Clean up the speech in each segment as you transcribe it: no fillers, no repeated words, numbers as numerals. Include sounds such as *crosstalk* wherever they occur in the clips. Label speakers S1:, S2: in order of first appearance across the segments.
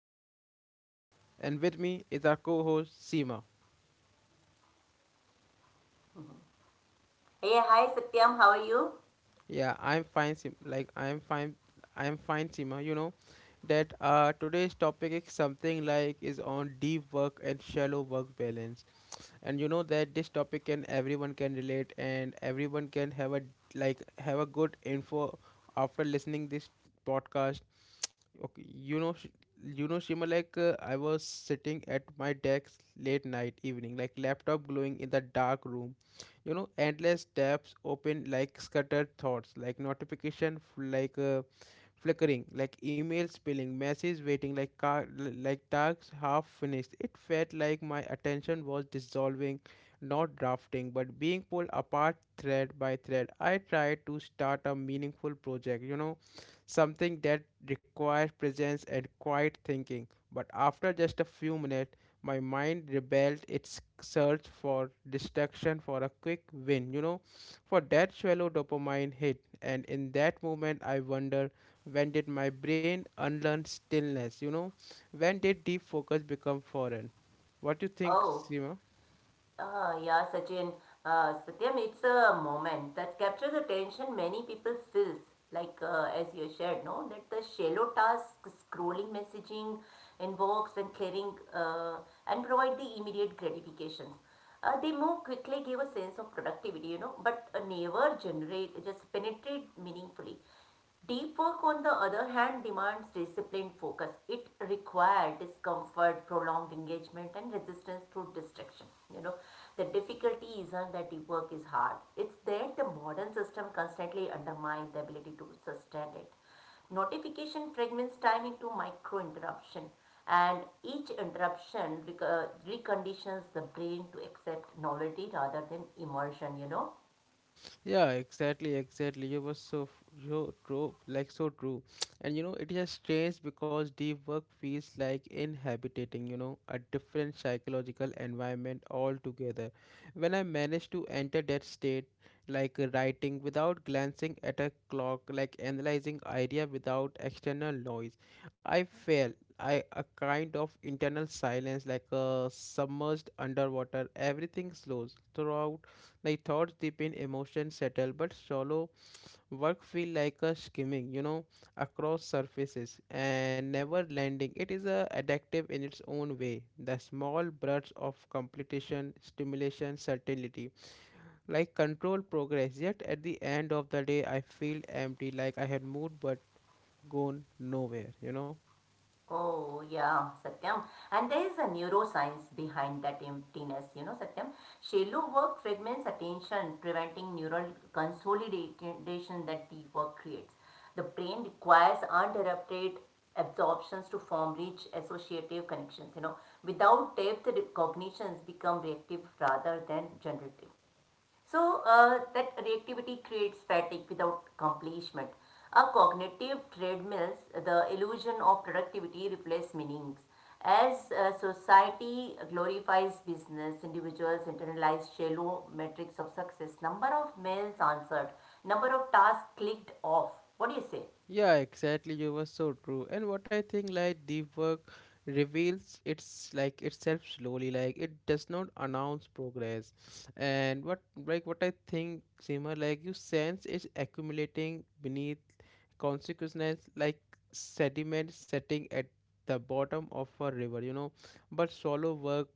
S1: host Satyam and with me is our co-host Seema.
S2: Mhm. Hey, hi Satyam, how are you?
S1: Yeah, I'm fine. I'm fine. I'm fine, Sima. You know that today's topic is something like is on deep work and shallow work balance, and you know that this topic can everyone can relate and everyone can have a have a good info after listening this podcast. Okay, you know, Shima. Like I was sitting at my desk late night evening, like laptop glowing in the dark room, you know, endless tabs open, like scattered thoughts, like flickering, like email spilling, messages waiting like car, like tasks half finished. It felt like my attention was dissolving, not drafting, but being pulled apart thread by thread. I tried to start a meaningful project, something that requires presence and quiet thinking. But after just a few minutes, my mind rebelled its search for distraction for a quick win, for that shallow dopamine hit. And in that moment, I wonder, when did my brain unlearn stillness? You know, when did deep focus become foreign? What do you think,
S2: Oh,
S1: Seema?
S2: uh, yeah, Sachin. Satyam, it's a moment that captures the tension many people feels. As you shared, no, that the shallow task, scrolling, messaging, inbox, and clearing, and provide the immediate gratifications. They move quickly, give a sense of productivity, you know, but never generate, just penetrate meaningfully. Deep work, on the other hand, demands disciplined focus. It requires discomfort, prolonged engagement, and resistance to distraction. You know, the difficulty isn't that deep work is hard, it's that the modern system constantly undermines the ability to sustain it. Notification fragments time into micro interruption, and each reconditions the brain to accept novelty rather than immersion, you know.
S1: Yeah, exactly. You were so f- so true, like so true. *tsk* And you know, it is strange because deep work feels like inhabiting, you know, a different psychological environment altogether. When I managed to enter that state, like writing without glancing at a clock, like analyzing idea without external noise, I felt I a kind of internal silence, like submerged underwater. Everything slows throughout, like thoughts deep in emotions settle, but solo work feel like a skimming, you know, across surfaces and never landing. It is a addictive in its own way. The small bursts of completion, stimulation, certainty, like control progress. Yet at the end of the day, I feel empty, like I had moved but gone nowhere. You know.
S2: Oh, yeah, Satyam. And there is a neuroscience behind that emptiness, you know, Satyam. Shallow work fragments attention, preventing neural consolidation that deep work creates. The brain requires uninterrupted absorptions to form rich associative connections, you know. Without depth, cognitions become reactive rather than generative. So that reactivity creates fatigue without accomplishment. A cognitive treadmills the illusion of productivity replaces meanings. As society glorifies business, individuals internalize shallow metrics of success, number of mails answered, number of tasks clicked off. What do you say?
S1: Yeah, exactly. You were so true. And what I think, like deep work reveals itself slowly. Like it does not announce progress. And what I think, Seema, like you sense is accumulating beneath consequences, like sediment setting at the bottom of a river, you know, but shallow work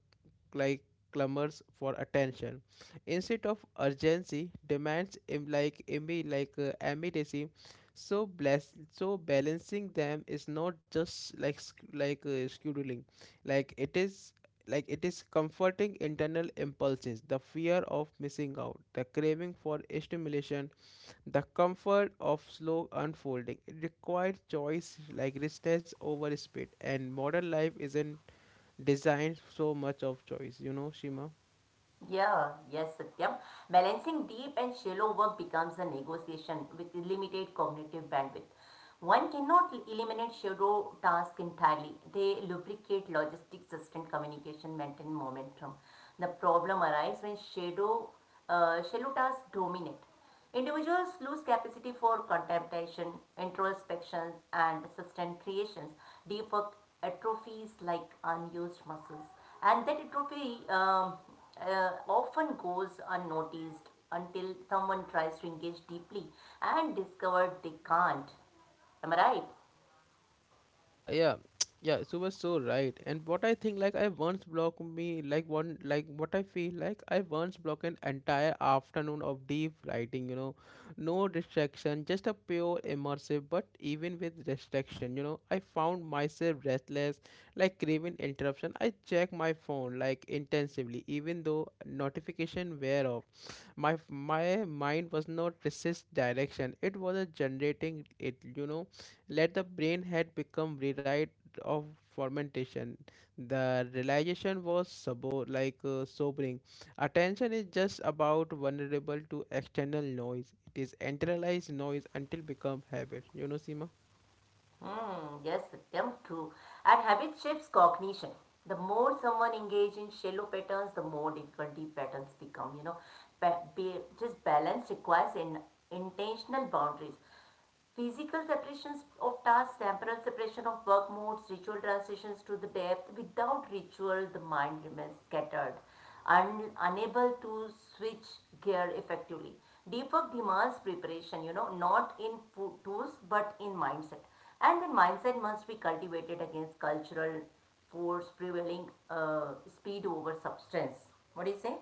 S1: like clamors for attention instead of urgency, demands im- like imi like immediacy. So bless, so balancing them is not just like scheduling. Like it is comforting internal impulses, the fear of missing out, the craving for stimulation, the comfort of slow unfolding requires choice, like richness over speed, and modern life isn't designed so much of choice, you know, Shima.
S2: Yeah, yes, Satyam. Balancing deep and shallow work becomes a negotiation with limited cognitive bandwidth. One cannot eliminate shallow tasks entirely. They lubricate logistics, sustained communication, maintain momentum. The problem arises when shallow tasks dominate. Individuals lose capacity for contemplation, introspections, and sustained creations. Deeper atrophies like unused muscles. And that atrophy often goes unnoticed until someone tries to engage deeply and discover they can't. Am I right?
S1: Yeah, *tsk* yeah. So was so right. And what I think, like I once blocked me, like one, like what I feel like I once blocked an entire afternoon of deep writing. You know, no distraction, just a pure immersive. But even with distraction, you know, I found myself restless, like craving interruption. I check my phone like intensively, even though notification were off. My mind was not resist direction. It was a generating it. You know, let the brain had become rewrite of fermentation. The realization was sobering. Attention is just about vulnerable to external noise. It is internalized noise until become habit. You know, Seema.
S2: Hmm, yes, damn true. And habit shapes cognition. The more someone engages in shallow patterns, the more difficult deep patterns become. You know, just balance requires intentional boundaries. Physical separations of tasks, temporal separation of work modes, ritual transitions to the depth. Without ritual, the mind remains scattered unable to switch gear effectively. Deep work demands preparation, you know, not in tools but in mindset. And then mindset must be cultivated against cultural force prevailing speed over substance. What do you say?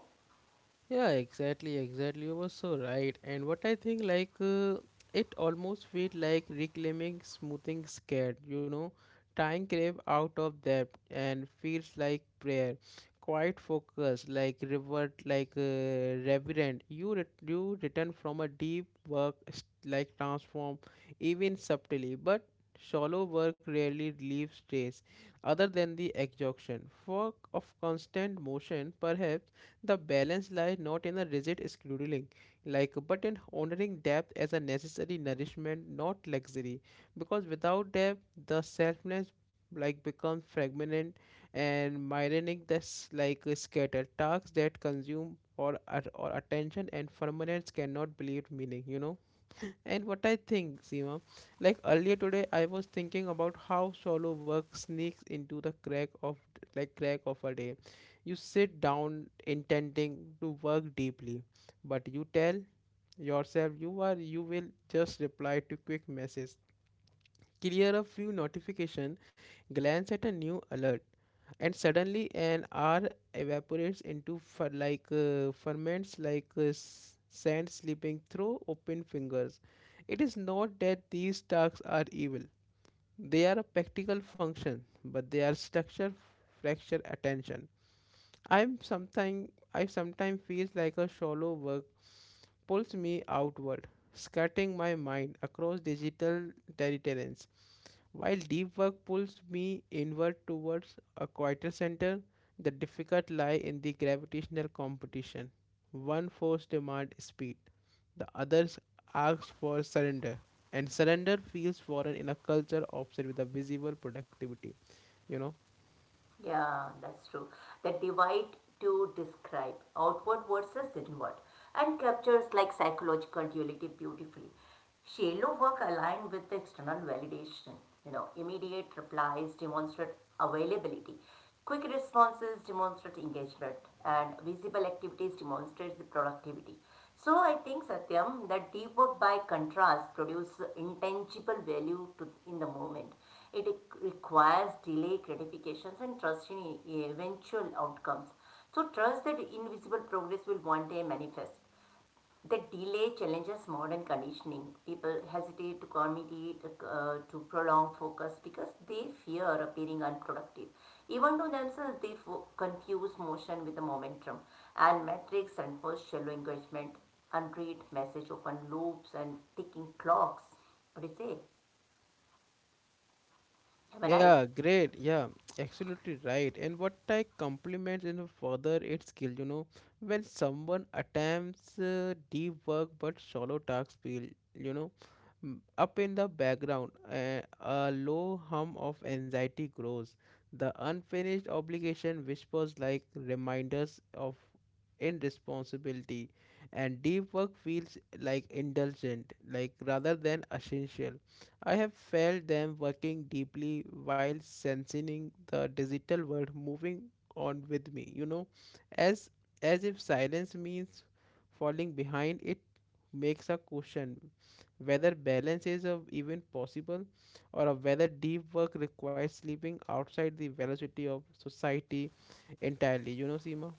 S1: Yeah, exactly. You were so right. And what I think, like, it almost felt like reclaiming smoothing scared, you know, tying grave out of depth and feels like prayer, quite focused, like revert, like reverent. You return from a deep work, like transform, even subtly, but shallow work rarely leaves trace, other than the exhaustion. Work of constant motion, perhaps the balance lies not in a rigid scheduling, like but in honoring depth as a necessary nourishment, not luxury. Because without depth, the selfness like becomes fragmented and myronic, that's like scattered tasks that consume or attention, and permanence cannot believe meaning, you know. And what I think, Seema, like earlier today, I was thinking about how solo work sneaks into the crack of crack of a day. You sit down intending to work deeply, but you tell yourself you will just reply to quick message, clear a few notification, glance at a new alert, and suddenly an hour evaporates into ferments, like sand slipping through open fingers. It is not that these tasks are evil; they are a practical function, but they are structure fracture attention. I sometimes feels like a shallow work pulls me outward, skirting my mind across digital territories while deep work pulls me inward towards a quieter center, the difficult lie in the gravitational competition. One force demands speed, the others asks for surrender, and surrender feels foreign in a culture obsessed with the visible productivity. You know.
S2: Yeah, that's true. That divide to describe outward versus inward and captures like psychological duality beautifully. Shallow work aligned with the external validation, you know, immediate replies demonstrate availability. Quick responses demonstrate engagement and visible activities demonstrate the productivity. So I think Satyam that deep work by contrast produces intangible value to in the moment it requires delay gratifications and trust in eventual outcomes. So, trust that invisible progress will one day manifest. That delay challenges modern conditioning. People hesitate to commit, to prolong focus because they fear appearing unproductive. Even to themselves, they confuse motion with the momentum, and metrics enforce shallow engagement, unread message open loops, and ticking clocks. What do you say? Am I right?
S1: Yeah, great. Yeah, *tsk* absolutely right. And what I compliment in further its skill, you know, when someone attempts deep work but shallow tasks feel, you know, up in the background, a low hum of anxiety grows. The unfinished obligation whispers like reminders of irresponsibility, and deep work feels like indulgent, like rather than essential. I have felt them working deeply while sensing the digital world moving on with me, you know, as as if silence means falling behind, it makes a question whether balance is of even possible or of whether deep work requires sleeping outside the velocity of society entirely. You know, Seema?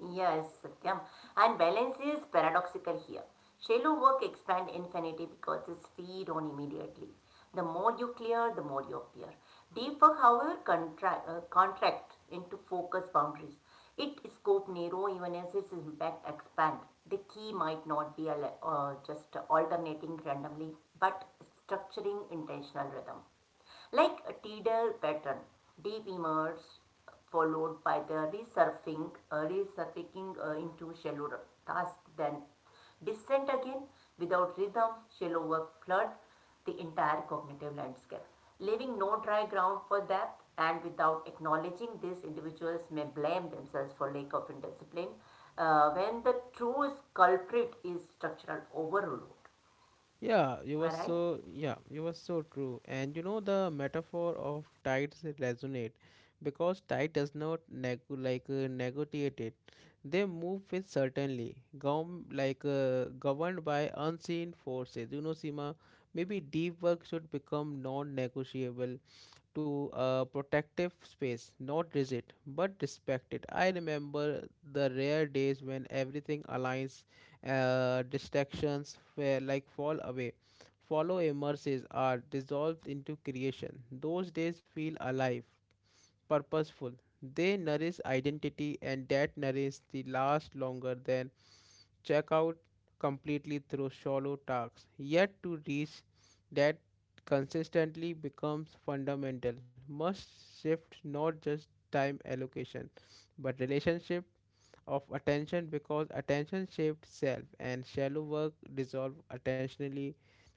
S2: Yes, Satyam. And balance is paradoxical here. Shallow work expand infinity because it's feed on immediately. The more you clear, the more you appear. Deep work, however, contract into focus boundaries. It scope narrow even as its impact expand. The key might not be just alternating randomly, but structuring intentional rhythm like a tidal pattern, deep emerge followed by the resurfacing into shallow task, then descent again without rhythm, shallow work flood the entire cognitive landscape, leaving no dry ground for depth. And without acknowledging this, individuals may blame themselves for lack of discipline, when the true culprit is structural overload.
S1: Yeah, you
S2: Am
S1: were
S2: I right?
S1: so yeah, you were so true. And you know the metaphor of tides resonate because tide does not negotiate it. They move with certainly, governed by unseen forces. You know, Sima, maybe deep work should become non-negotiable to a protective space, not rigid, but respected. I remember the rare days when everything aligns, distractions fall away, follow emerges are dissolved into creation. Those days feel alive, purposeful. They nourish identity and that nourish the last longer than check out completely through shallow tasks. Yet to reach that consistently becomes fundamental. Must shift not just time allocation but relationship of attention, because attention shapes self and shallow work dissolve attentionally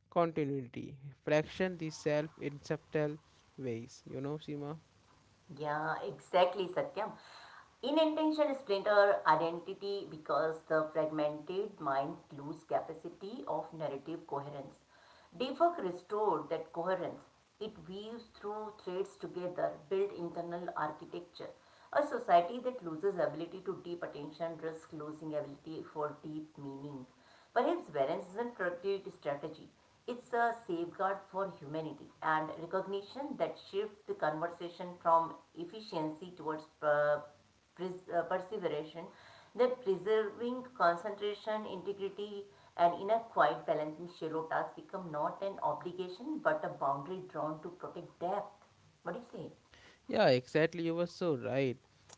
S1: continuity fraction the self in subtle ways, you know, Sima.
S2: Yeah, exactly, Satyam. Inattention split our identity because the fragmented mind lose capacity of narrative coherence. Deep work restored that coherence. It weaves through threads together, build internal architecture. A society that loses ability to deep attention risks losing ability for deep meaning. Perhaps balance isn't productivity strategy. It's a safeguard for humanity and recognition that shifts the conversation from efficiency towards perseveration, that preserving concentration, integrity, and inner quiet balance in shallow tasks become not an obligation but a boundary drawn to protect depth. What do you say?
S1: Yeah, exactly. You were so right.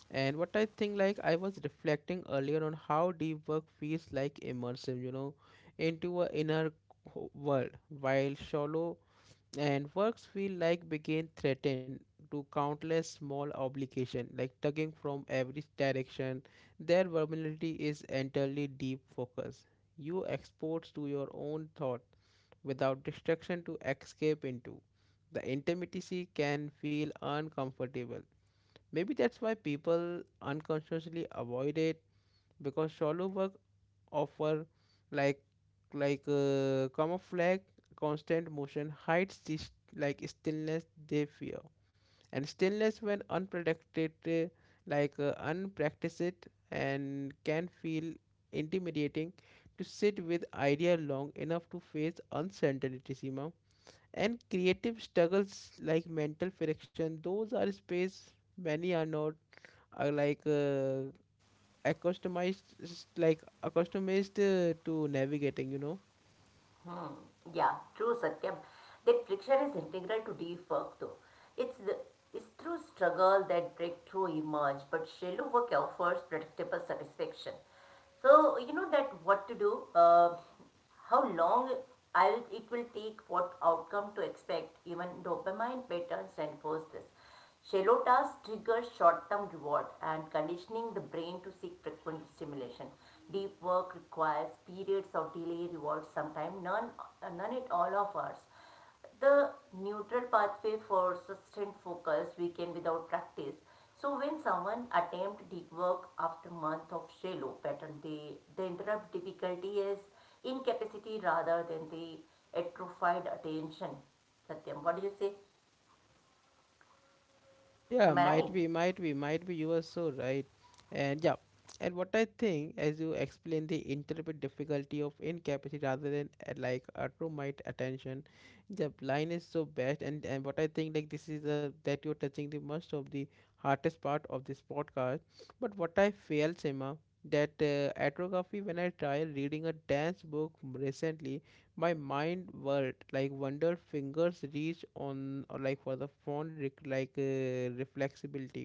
S1: And what I think, like, I was reflecting earlier on how deep work feels like immersive, you know, into a inner world, while shallow and works feel like began threatened to countless small obligation like tugging from every direction. Their vulnerability is entirely deep focus, you exposed to your own thought without distraction to escape into, the intimacy can feel uncomfortable. Maybe that's why people unconsciously avoid it, because shallow work offer like camouflage. Constant motion hides this like stillness they fear, and stillness when unprotected, unpracticed, and can feel intimidating to sit with idea long enough to face uncertainty, Seema. And creative struggles like mental friction, those are space many are not uh, like uh, accustomed accustomed, to navigating, you know.
S2: Yeah, true Satyam. That friction is integral to deep work though. It's the it's through struggle that breakthrough emerge, but shallow work offers predictable satisfaction. So you know that what to do, how long I'll, it will take, what outcome to expect, even dopamine patterns reinforce this. Shallow tasks trigger short term reward and conditioning the brain to seek frequent stimulation. Deep work requires periods of delay reward, sometimes none at all of ours. The neutral pathway for sustained focus weekend without practice. So when someone attempt deep work after month of shallow pattern, they, the interrupt difficulty is incapacity rather than the atrophied attention. Satyam, what do you say?
S1: Yeah,
S2: Am I
S1: might
S2: right?
S1: be might be might be you are so right. And yeah, and what I think, as you explain, the interpret difficulty of incapacity rather than like a true might attention, the line is so best. And what I think, like this is a that you're touching the most of the hardest part of this podcast. But what I feel, Sima, that atrophy, when I tried reading a dance book recently, my mind whirled like wonder fingers reach on or like for the phone reflexibility.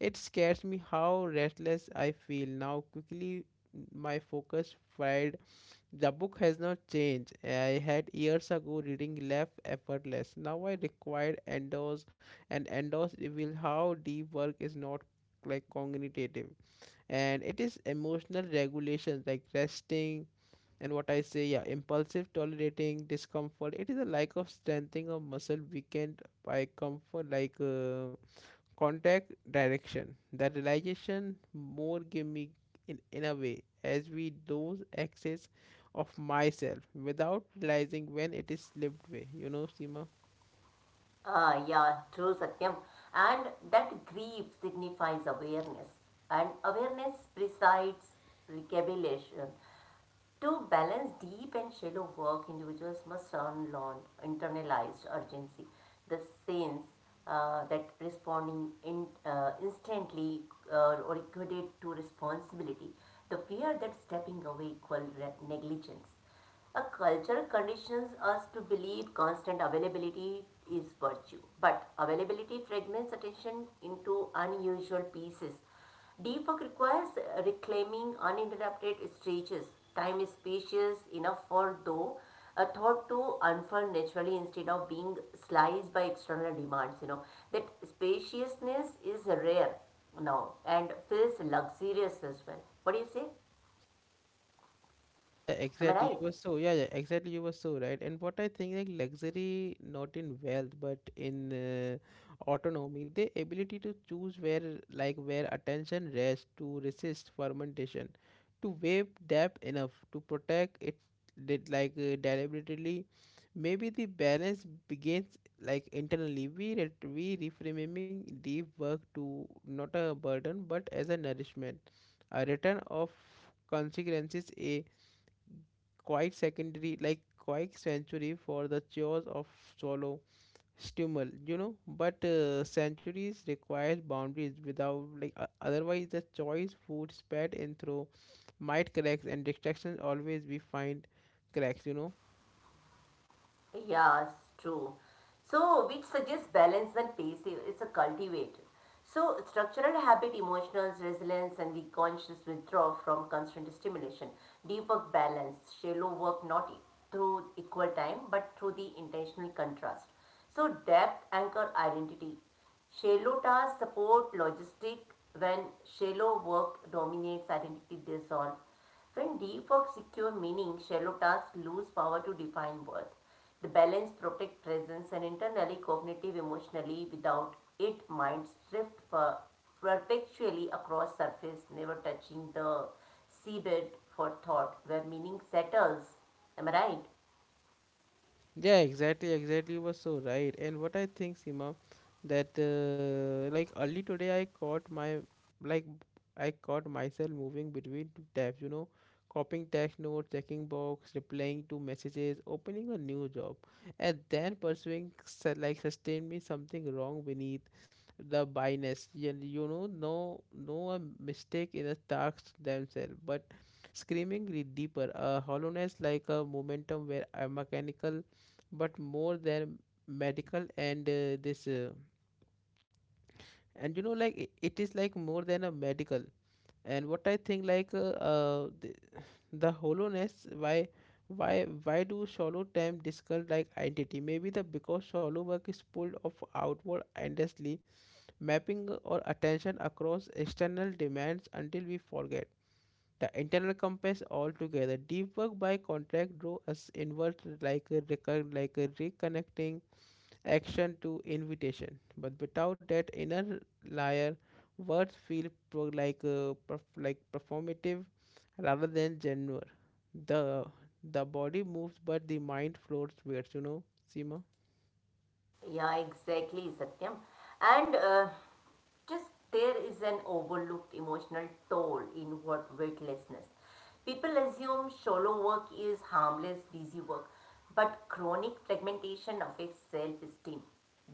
S1: It scares me how restless I feel now. Quickly, my focus fried. The book has not changed. I had years ago reading left effortless. Now I required endos, and endos reveal how deep work is not like cognitive, and it is emotional regulation like resting. And what I say, yeah, impulsive tolerating discomfort, it is a lack of strengthening of muscle weakened by comfort, like contact direction. That realization more give me, in a way, as we lose access of myself without realizing when it is slipped away, you know, Sima.
S2: Ah, yeah, true, Satyam. And that grief signifies awareness, and awareness presides recabulation. To balance deep and shallow work, individuals must unlearn internalized urgency, the sense that responding instantly or equated to responsibility, the fear that stepping away equal negligence. A culture conditions us to believe constant availability is virtue, but availability fragments attention into unusual pieces. Deep work requires reclaiming uninterrupted stretches, time is spacious enough for though a thought to unfold naturally instead of being sliced by external demands. You know that spaciousness is rare now and feels luxurious as well. What do you say?
S1: Yeah, yeah,
S2: Am I
S1: exactly.
S2: right?
S1: You were so, yeah, yeah, exactly. You were so right. And what I think, like luxury, not in wealth, but in autonomy, the ability to choose where, like, where attention rests, to resist fermentation, to wave depth enough to protect it, did like deliberately. Maybe the balance begins like internally. We reframing deep work to not a burden, but as a nourishment, a return of consequences, a quite secondary, like quite sanctuary for the chores of solo stumble, you know. But sanctuaries requires boundaries, without like otherwise the choice food spat in through might cracks, and distractions always we find cracks, you know.
S2: Yeah, it's true. So, which suggests balance and pace is a cultivator. So, structural habit, emotional resilience, and the conscious withdrawal from constant stimulation, deep work balance, shallow work not through equal time but through the intentional contrast. So, depth anchor identity. Shallow tasks support logistic when shallow work dominates identity dissolve. When deep work secure meaning, shallow tasks lose power to define worth. The balance protect presence and internally cognitive emotionally without it minds drift perpetually across surface never touching the seabed for thought where meaning settles am I right
S1: Yeah, exactly. You were so right. And what I think, Sima, that like early today, I caught my like I caught myself moving between two tabs. You know, copying text notes, checking box, replying to messages, opening a new job, and then pursuing sustained me something wrong beneath the bias. You know, no, no a mistake in the tasks themselves, but screaming re- deeper, a hollowness like a momentum where a mechanical but more than medical and this and you know like I- it is like more than a medical. And what I think like the hollowness. Why do shallow time discuss like identity, maybe the because shallow work is pulled off outward endlessly mapping our attention across external demands until we forget the internal compass altogether. Deep work, by contract, draw us inward like a reconnecting action to invitation. But without that inner layer, words feel performative rather than genuine. The the body moves, but the mind floats weirds. You know, Seema.
S2: yeah exactly satyam and just there is an overlooked emotional toll in word weightlessness. People assume shallow work is harmless, busy work, but chronic fragmentation affects self esteem.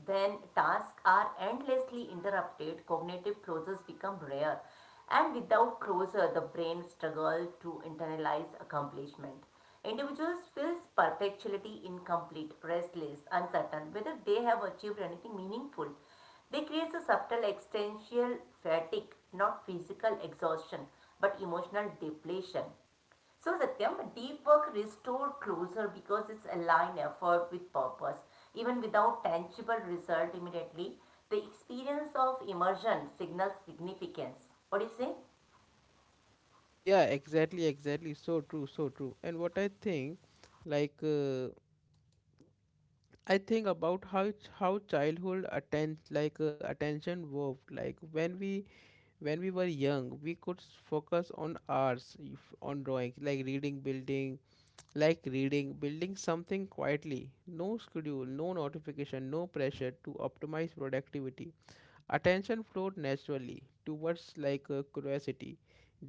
S2: Then tasks are endlessly interrupted, cognitive closures become rare, and without closure, the brain struggles to internalize accomplishment. Individuals feel perpetually incomplete, restless, uncertain whether they have achieved anything meaningful. They create a subtle existential fatigue, not physical exhaustion, but emotional depletion. So Satyam, deep work restores closure because it's aligned effort with purpose. Even without tangible result immediately, the experience of immersion signals significance. What do you say?
S1: Yeah, exactly, exactly. So true, so true. And what I think, like, uh, I think about how childhood attend like attention worked. Like when we were young we could focus on arts on drawing, like reading building, something quietly. No schedule, no notification, no pressure to optimize productivity. Attention flowed naturally towards curiosity.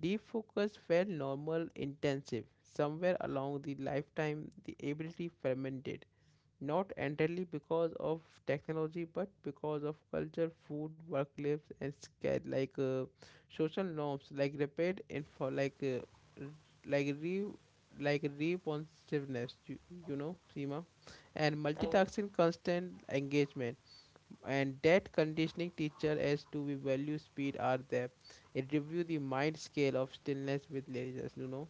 S1: Deep focus felt normal intensive somewhere along the lifetime the ability fermented, not entirely because of technology but because of culture food work lives and social norms like rapid info r- like re like responsiveness, you know, Seema, and
S2: Right.
S1: multitasking constant engagement. And that conditioning teacher as to we value speed are there it review the mind scale of stillness with laziness, you know.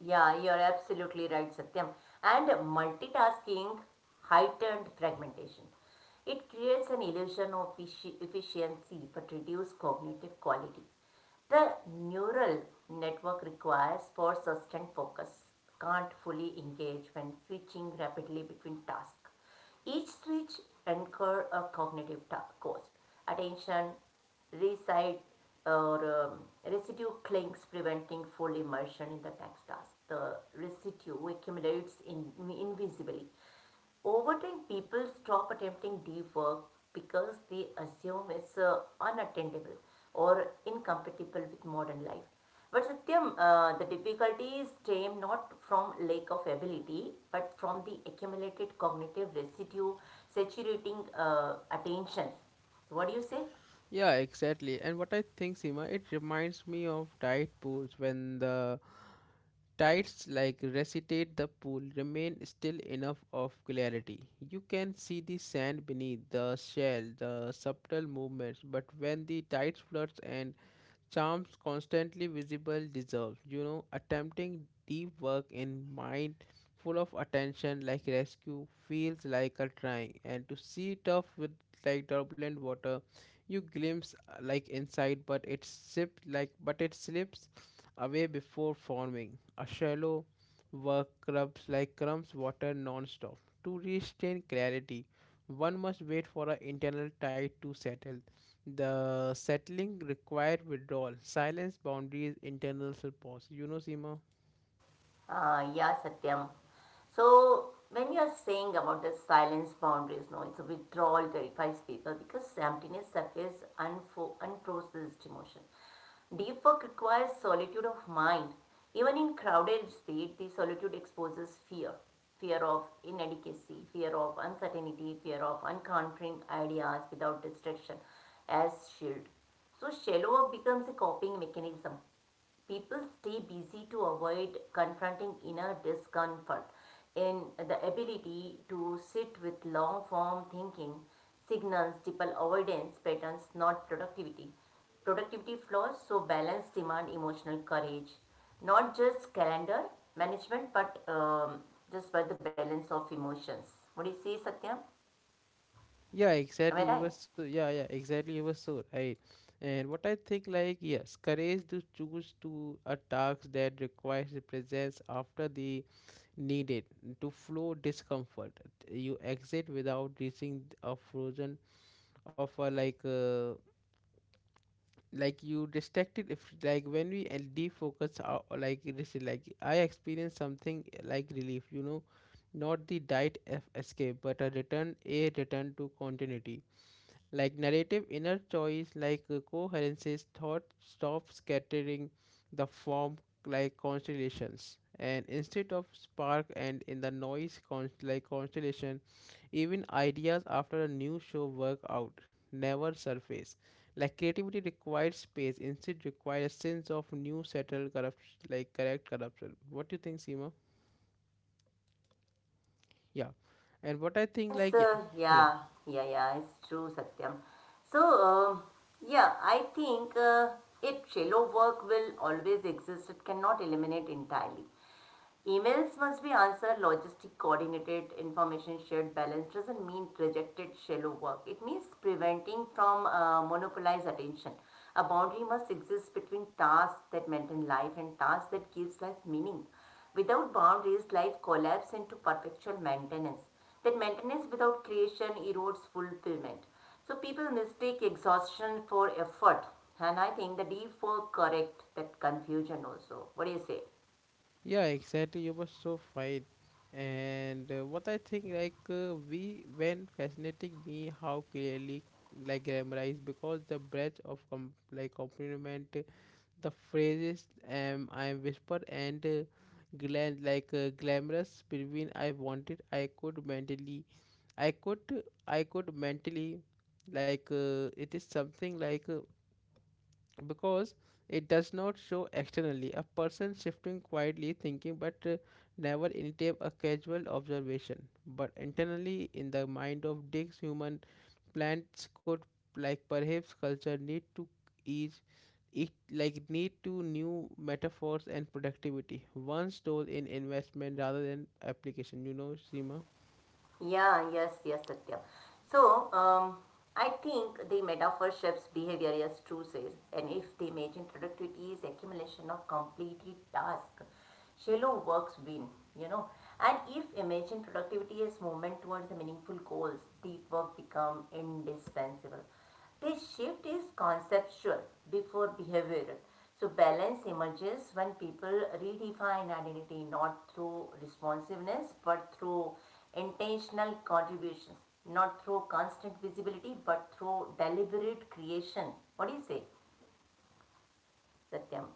S2: Yeah, you're absolutely right, Satyam. And multitasking heightened fragmentation. It creates an illusion of efficiency but reduces cognitive quality. The neural network requires for sustained focus can't fully engage when switching rapidly between tasks. Each switch incur a cognitive cost. Attention, recite or residue clings preventing full immersion in the next task. The residue accumulates in, invisibly. Over time, people stop attempting deep work because they assume it's unattainable or incompatible with modern life. But Satyam, the difficulties stem not from lack of ability, but from the accumulated cognitive residue saturating attention. What do you say?
S1: Yeah, exactly. And what I think, Seema, it reminds me of diet pools when the tides like recitate the pool remain still enough of clarity. You can see the sand beneath the shell, the subtle movements, but when the tide floods and charms constantly visible dissolve, you know, attempting deep work in mind full of attention like rescue feels like a trying and to see it off with like turbulent water. You glimpse like inside, but it sips like but it slips away before forming a shallow. Work rubs like crumbs water non-stop to restrain clarity. One must wait for an internal tide to settle. The settling required withdrawal, silence, boundaries, internal pause. You know, Seema?
S2: Yeah, Satyam. So, when you are saying about the silence boundaries, no, it's a withdrawal terrifies people because emptiness surfaces unprocessed emotion. Deep work requires solitude of mind. Even in crowded state, the solitude exposes fear fear of inadequacy, fear of uncertainty, fear of encountering ideas without distraction as shield. So shallow work becomes a coping mechanism. People stay busy to avoid confronting inner discomfort. In the ability to sit with long form thinking signals typical avoidance patterns, not productivity. Productivity flaws, so balance demand emotional courage. Not just calendar management, but just by the balance of emotions. What do you say, Satyam?
S1: Yeah,
S2: Am I
S1: exactly. You
S2: right?
S1: were so, yeah, yeah, exactly. You were so right. And what I think, like, yes, courage to choose to a task that requires the presence after the needed to flow discomfort. You exit without reaching a frozen of a you distracted if like when we and defocus our, or like it is like I experience something like relief, you know, not the diet f escape but a return, a return to continuity, like narrative inner choice coherences thought stops scattering the form like constellations, and instead of spark and in the noise constellation, even ideas after a new show work out never surface. Like creativity requires space, instead requires a sense of new settled corrupt, like correct corruption. What do you think, Sima? yeah and what i
S2: Yeah,
S1: think
S2: means,
S1: like yeah
S2: uh,
S1: yeah
S2: yeah, yeah, it's true, Satyam. So, uh, yeah, I think it shallow work will always exist. It cannot eliminate entirely. Emails must be answered logistic, coordinated, information shared, balanced. Doesn't mean rejected shallow work. It means preventing from monopolized attention. A boundary must exist between tasks that maintain life and tasks that gives life meaning. Without boundaries, life collapses into perpetual maintenance. That maintenance without creation erodes fulfillment. So people mistake exhaustion for effort, and I think the deep work correct that confusion also. What do you say?
S1: Yeah, exactly. You were so right. And what I think, we when fascinating me how clearly like grammarized because the breadth of compliment, the phrases I whispered and glan like glamorous between I wanted I could I could mentally it is something like. Because it does not show externally. A person shifting quietly thinking but never initiate a casual observation. But internally in the mind of Dick's human plants could like perhaps culture need to each it like need to new metaphors and productivity. One stole in investment rather than application, you know, Seema.
S2: Yeah, yes, Satyam. So, I think the metaphor shapes behavior as true says, and if the imagine productivity is accumulation of completed task, shallow works win, you know. And if imagine productivity is movement towards the meaningful goals, deep work become indispensable. This shift is conceptual before behavioral. So, balance emerges when people redefine identity not through responsiveness but through intentional contributions, not through constant visibility but through deliberate creation. What do you say, Satyam?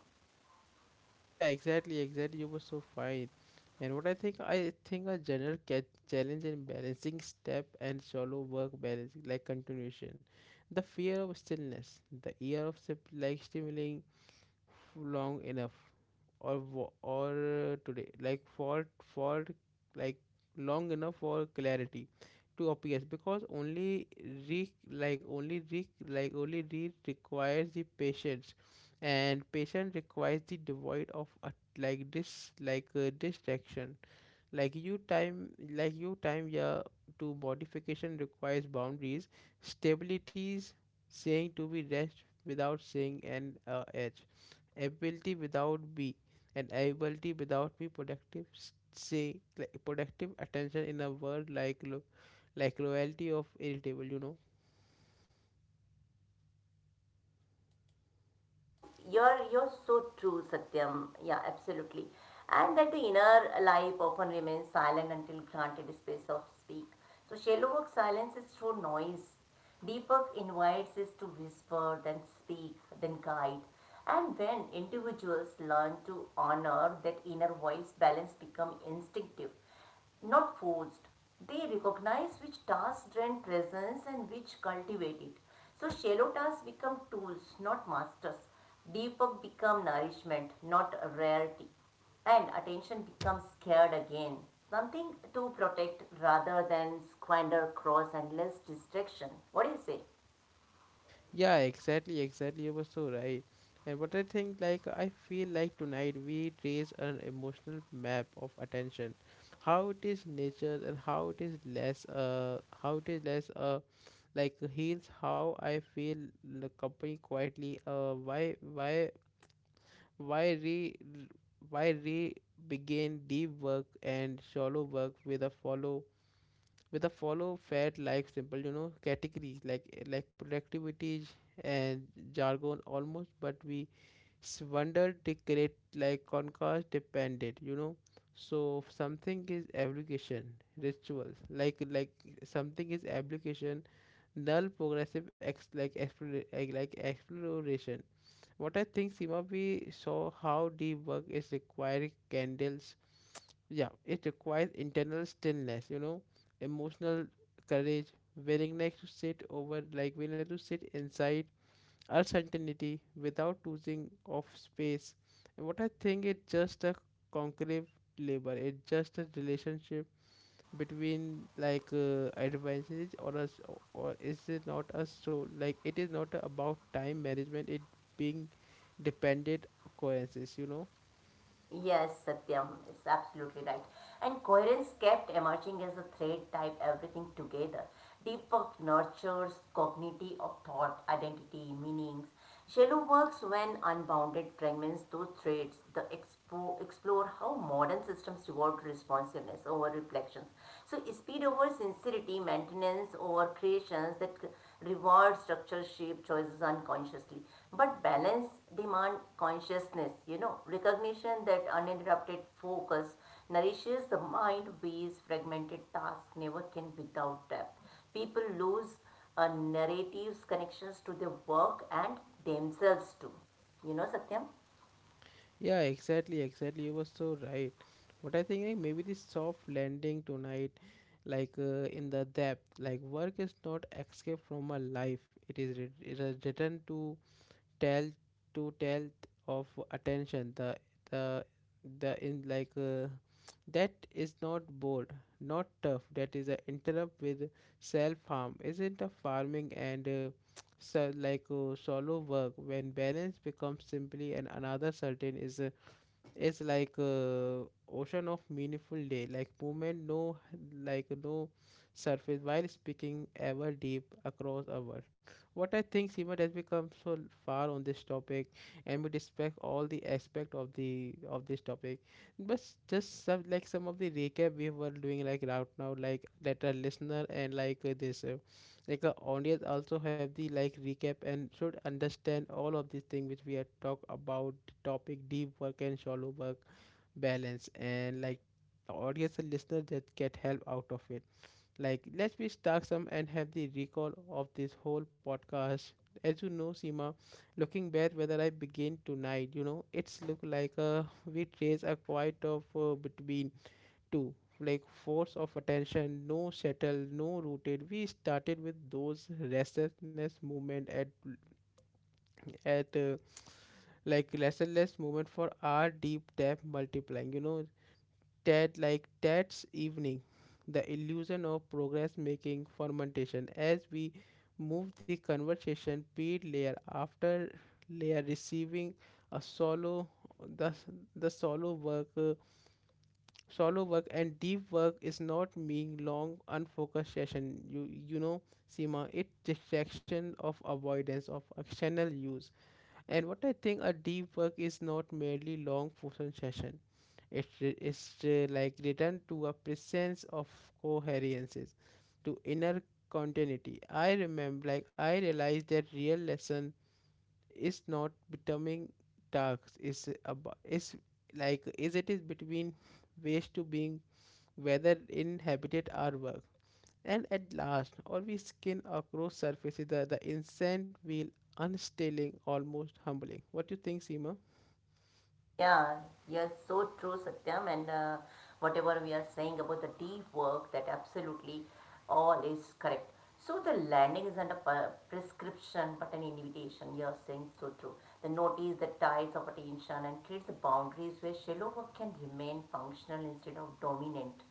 S1: Yeah, exactly, exactly. You were so fine. And what I think a general challenge in balancing step and solo work balance, like continuation, the fear of stillness, the fear of stimulating long enough or wo- or today like for like long enough for clarity to appears, because only re like only re like only read requires the patience, and patience requires the devoid of a, like this like distraction, you time, yeah, to modification requires boundaries, stabilities, saying to be rest without saying an edge, ability without be ability without be productive s- say like productive attention in a word like loyalty of irritable, you know.
S2: Yes, you're so true, Satyam. Yeah, absolutely. And that the inner life often remains silent until granted space of speak. So shallow work silence is through noise. Deep work invites us to whisper, then speak, then guide. And when individuals learn to honor that inner voice, balance become instinctive not forced. They recognize which tasks drain presence and which cultivate it. So shallow tasks become tools, not masters. Deep work become nourishment, not rarity. And attention becomes scared again. Something to protect rather than squander, cross, and less distraction. What do you say?
S1: Yeah, exactly, exactly. You were so right. And what I think, like, I feel like tonight we trace an emotional map of attention, how it is nature and how it is less, like heals how I feel the company quietly. Why re, why re begin deep work and shallow work with a follow fat like simple, you know, categories like productivity and jargon almost, but we wonder they create like contrast dependent, you know. So something is application rituals like something is application null progressive ex like explore like exploration. What I think, Seema, we saw how deep work is requiring candles. Yeah, it requires internal stillness, you know, emotional courage, willingness to sit over, like willingness to sit inside uncertainty without losing of space. And what I think, it's just a concrete labor. It's just a relationship between advances or us, or is it not us. So like it is not about time management, it being dependent occurrences, you know.
S2: Yes, Satyam is absolutely right. And coherence kept emerging as a thread type everything together. Deep work nurtures cognitive of thought, identity, meanings. Shallow works, when unbounded, fragments those threads. The explore how modern systems reward responsiveness over reflections. So speed over sincerity, maintenance over creations that reward structure shape choices unconsciously. But balance demand consciousness, you know, recognition that uninterrupted focus nourishes the mind ways fragmented tasks never can without depth. People lose narratives, connections to their work and themselves too. You know, Satyam?
S1: Yeah, exactly, exactly. You were so right. But I think like maybe this soft landing tonight, in the depth like work is not escape from a life. It is return to tell, to tell of attention the the in like that is not bored, not tough, that is a interrupt with self harm, isn't a farming. And solo work when balance becomes simply and another certain is like a ocean of meaningful day, like movement no like no surface while speaking ever deep across our. What I think, Simon, has become so far on this topic, and we respect all the aspect of the of this topic. But just some, like some of the recap we were doing like right now, like that a listener and like this. Like the audience also have the like recap and should understand all of these things which we had talked about. Topic: deep work and shallow work balance. And like the audience and listener that get help out of it. Like let's be stuck some and have the recall of this whole podcast. As you know, Seema, looking back whether I begin tonight, you know, it's look like we trace a quite of between two like force of attention, no settled, no rooted. We started with those restlessness movement at at uh, restless movement for our deep depth multiplying, you know, that like that's evening the illusion of progress making fermentation. As we move the conversation peer layer after layer, receiving a solo, the the solo work. Solo work and deep work is not mean long unfocused session. You know, Seema, it distraction of avoidance of external use. And what I think a deep work is not merely long focused session. It is return to a presence of coherences, to inner continuity. I remember, like I realized that real lesson is not becoming tasks. Is about is like is it is between ways to being, whether in habitat or work. And at last, always skin across surfaces that the insect will unstilling, almost humbling. What do you think, Seema?
S2: Yeah, you're so true, Satyam. And whatever we are saying about the deep work, that absolutely all is correct. So the landing isn't a prescription but an invitation. You're saying so true. The notice the ties of attention and creates the boundaries where shallow work can remain functional instead of dominant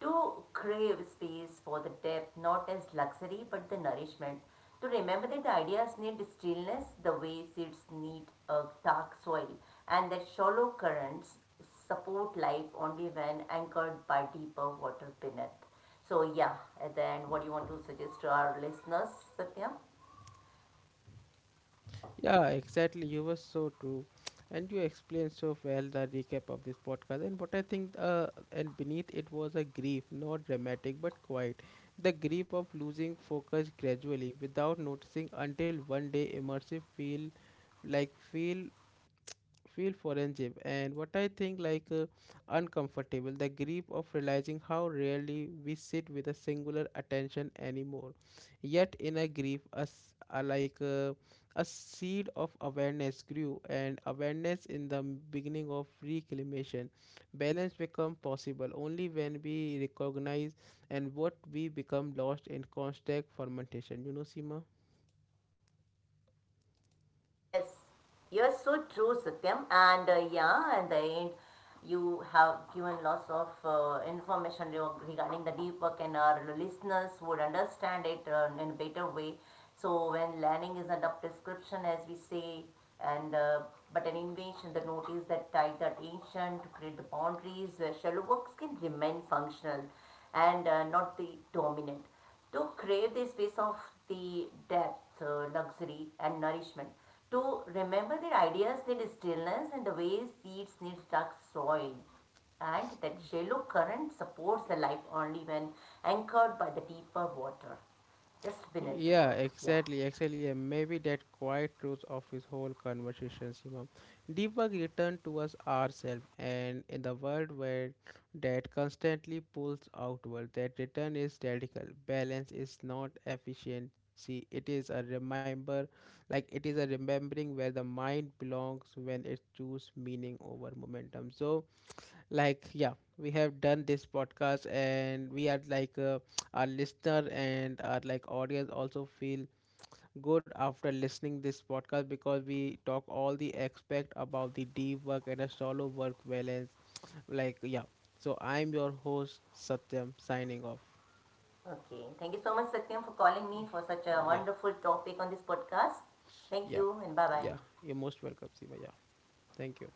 S2: to crave space for the depth, not as luxury but the nourishment. To remember that ideas need stillness the way seeds need a dark soil, and that shallow currents support life only when anchored by deeper water beneath. So, yeah, at the end, what do you want to suggest to our listeners, Satya?
S1: Yeah, exactly. You were so true. And you explained so well the recap of this podcast. And what I think, and beneath it was a grief, not dramatic but quiet. The grief of losing focus gradually without noticing until one day immersive feel like feel feel forensic. And what I think uncomfortable, the grief of realizing how rarely we sit with a singular attention anymore, yet in a grief as a, a seed of awareness grew, and awareness in the beginning of reclamation, balance become possible only when we recognize and what we become lost in constant fermentation, you know, Sima.
S2: Yes, you're so true, Satyam. And yeah, and the end, you have given lots of information regarding the deep work, and our listeners would understand it in a better way. So when learning is under prescription, as we say, and but an invention, the notice that tied the attention to create the boundaries where shallow works can remain functional and not the dominant to crave the space of the depth, luxury, and nourishment, to remember that ideas need stillness in the way seeds need dark soil, and that shallow current supports the life only when anchored by the deeper water, just beneath the
S1: Yeah,
S2: work. Yeah.
S1: exactly, exactly. And maybe that quiet truth of his whole conversation, Simam. Deepak returned to us ourselves, and in the world where that constantly pulls outward, that return is radical. Balance is not efficiency. It is a remember, like it is a remembering where the mind belongs when it chooses meaning over momentum. So, like, yeah, we have done this podcast and we are like our listener and our like audience also feel good after listening this podcast, because we talk all the aspect about the deep work and a solo work balance. Like, yeah. So I'm your host, Satyam, signing off.
S2: Okay. Thank you so much, Satyam, for calling me for such a
S1: Yeah.
S2: wonderful topic on this podcast. Thank
S1: Yeah.
S2: you, and bye
S1: Yeah,
S2: bye.
S1: you're most welcome, Sima. Yeah, thank you.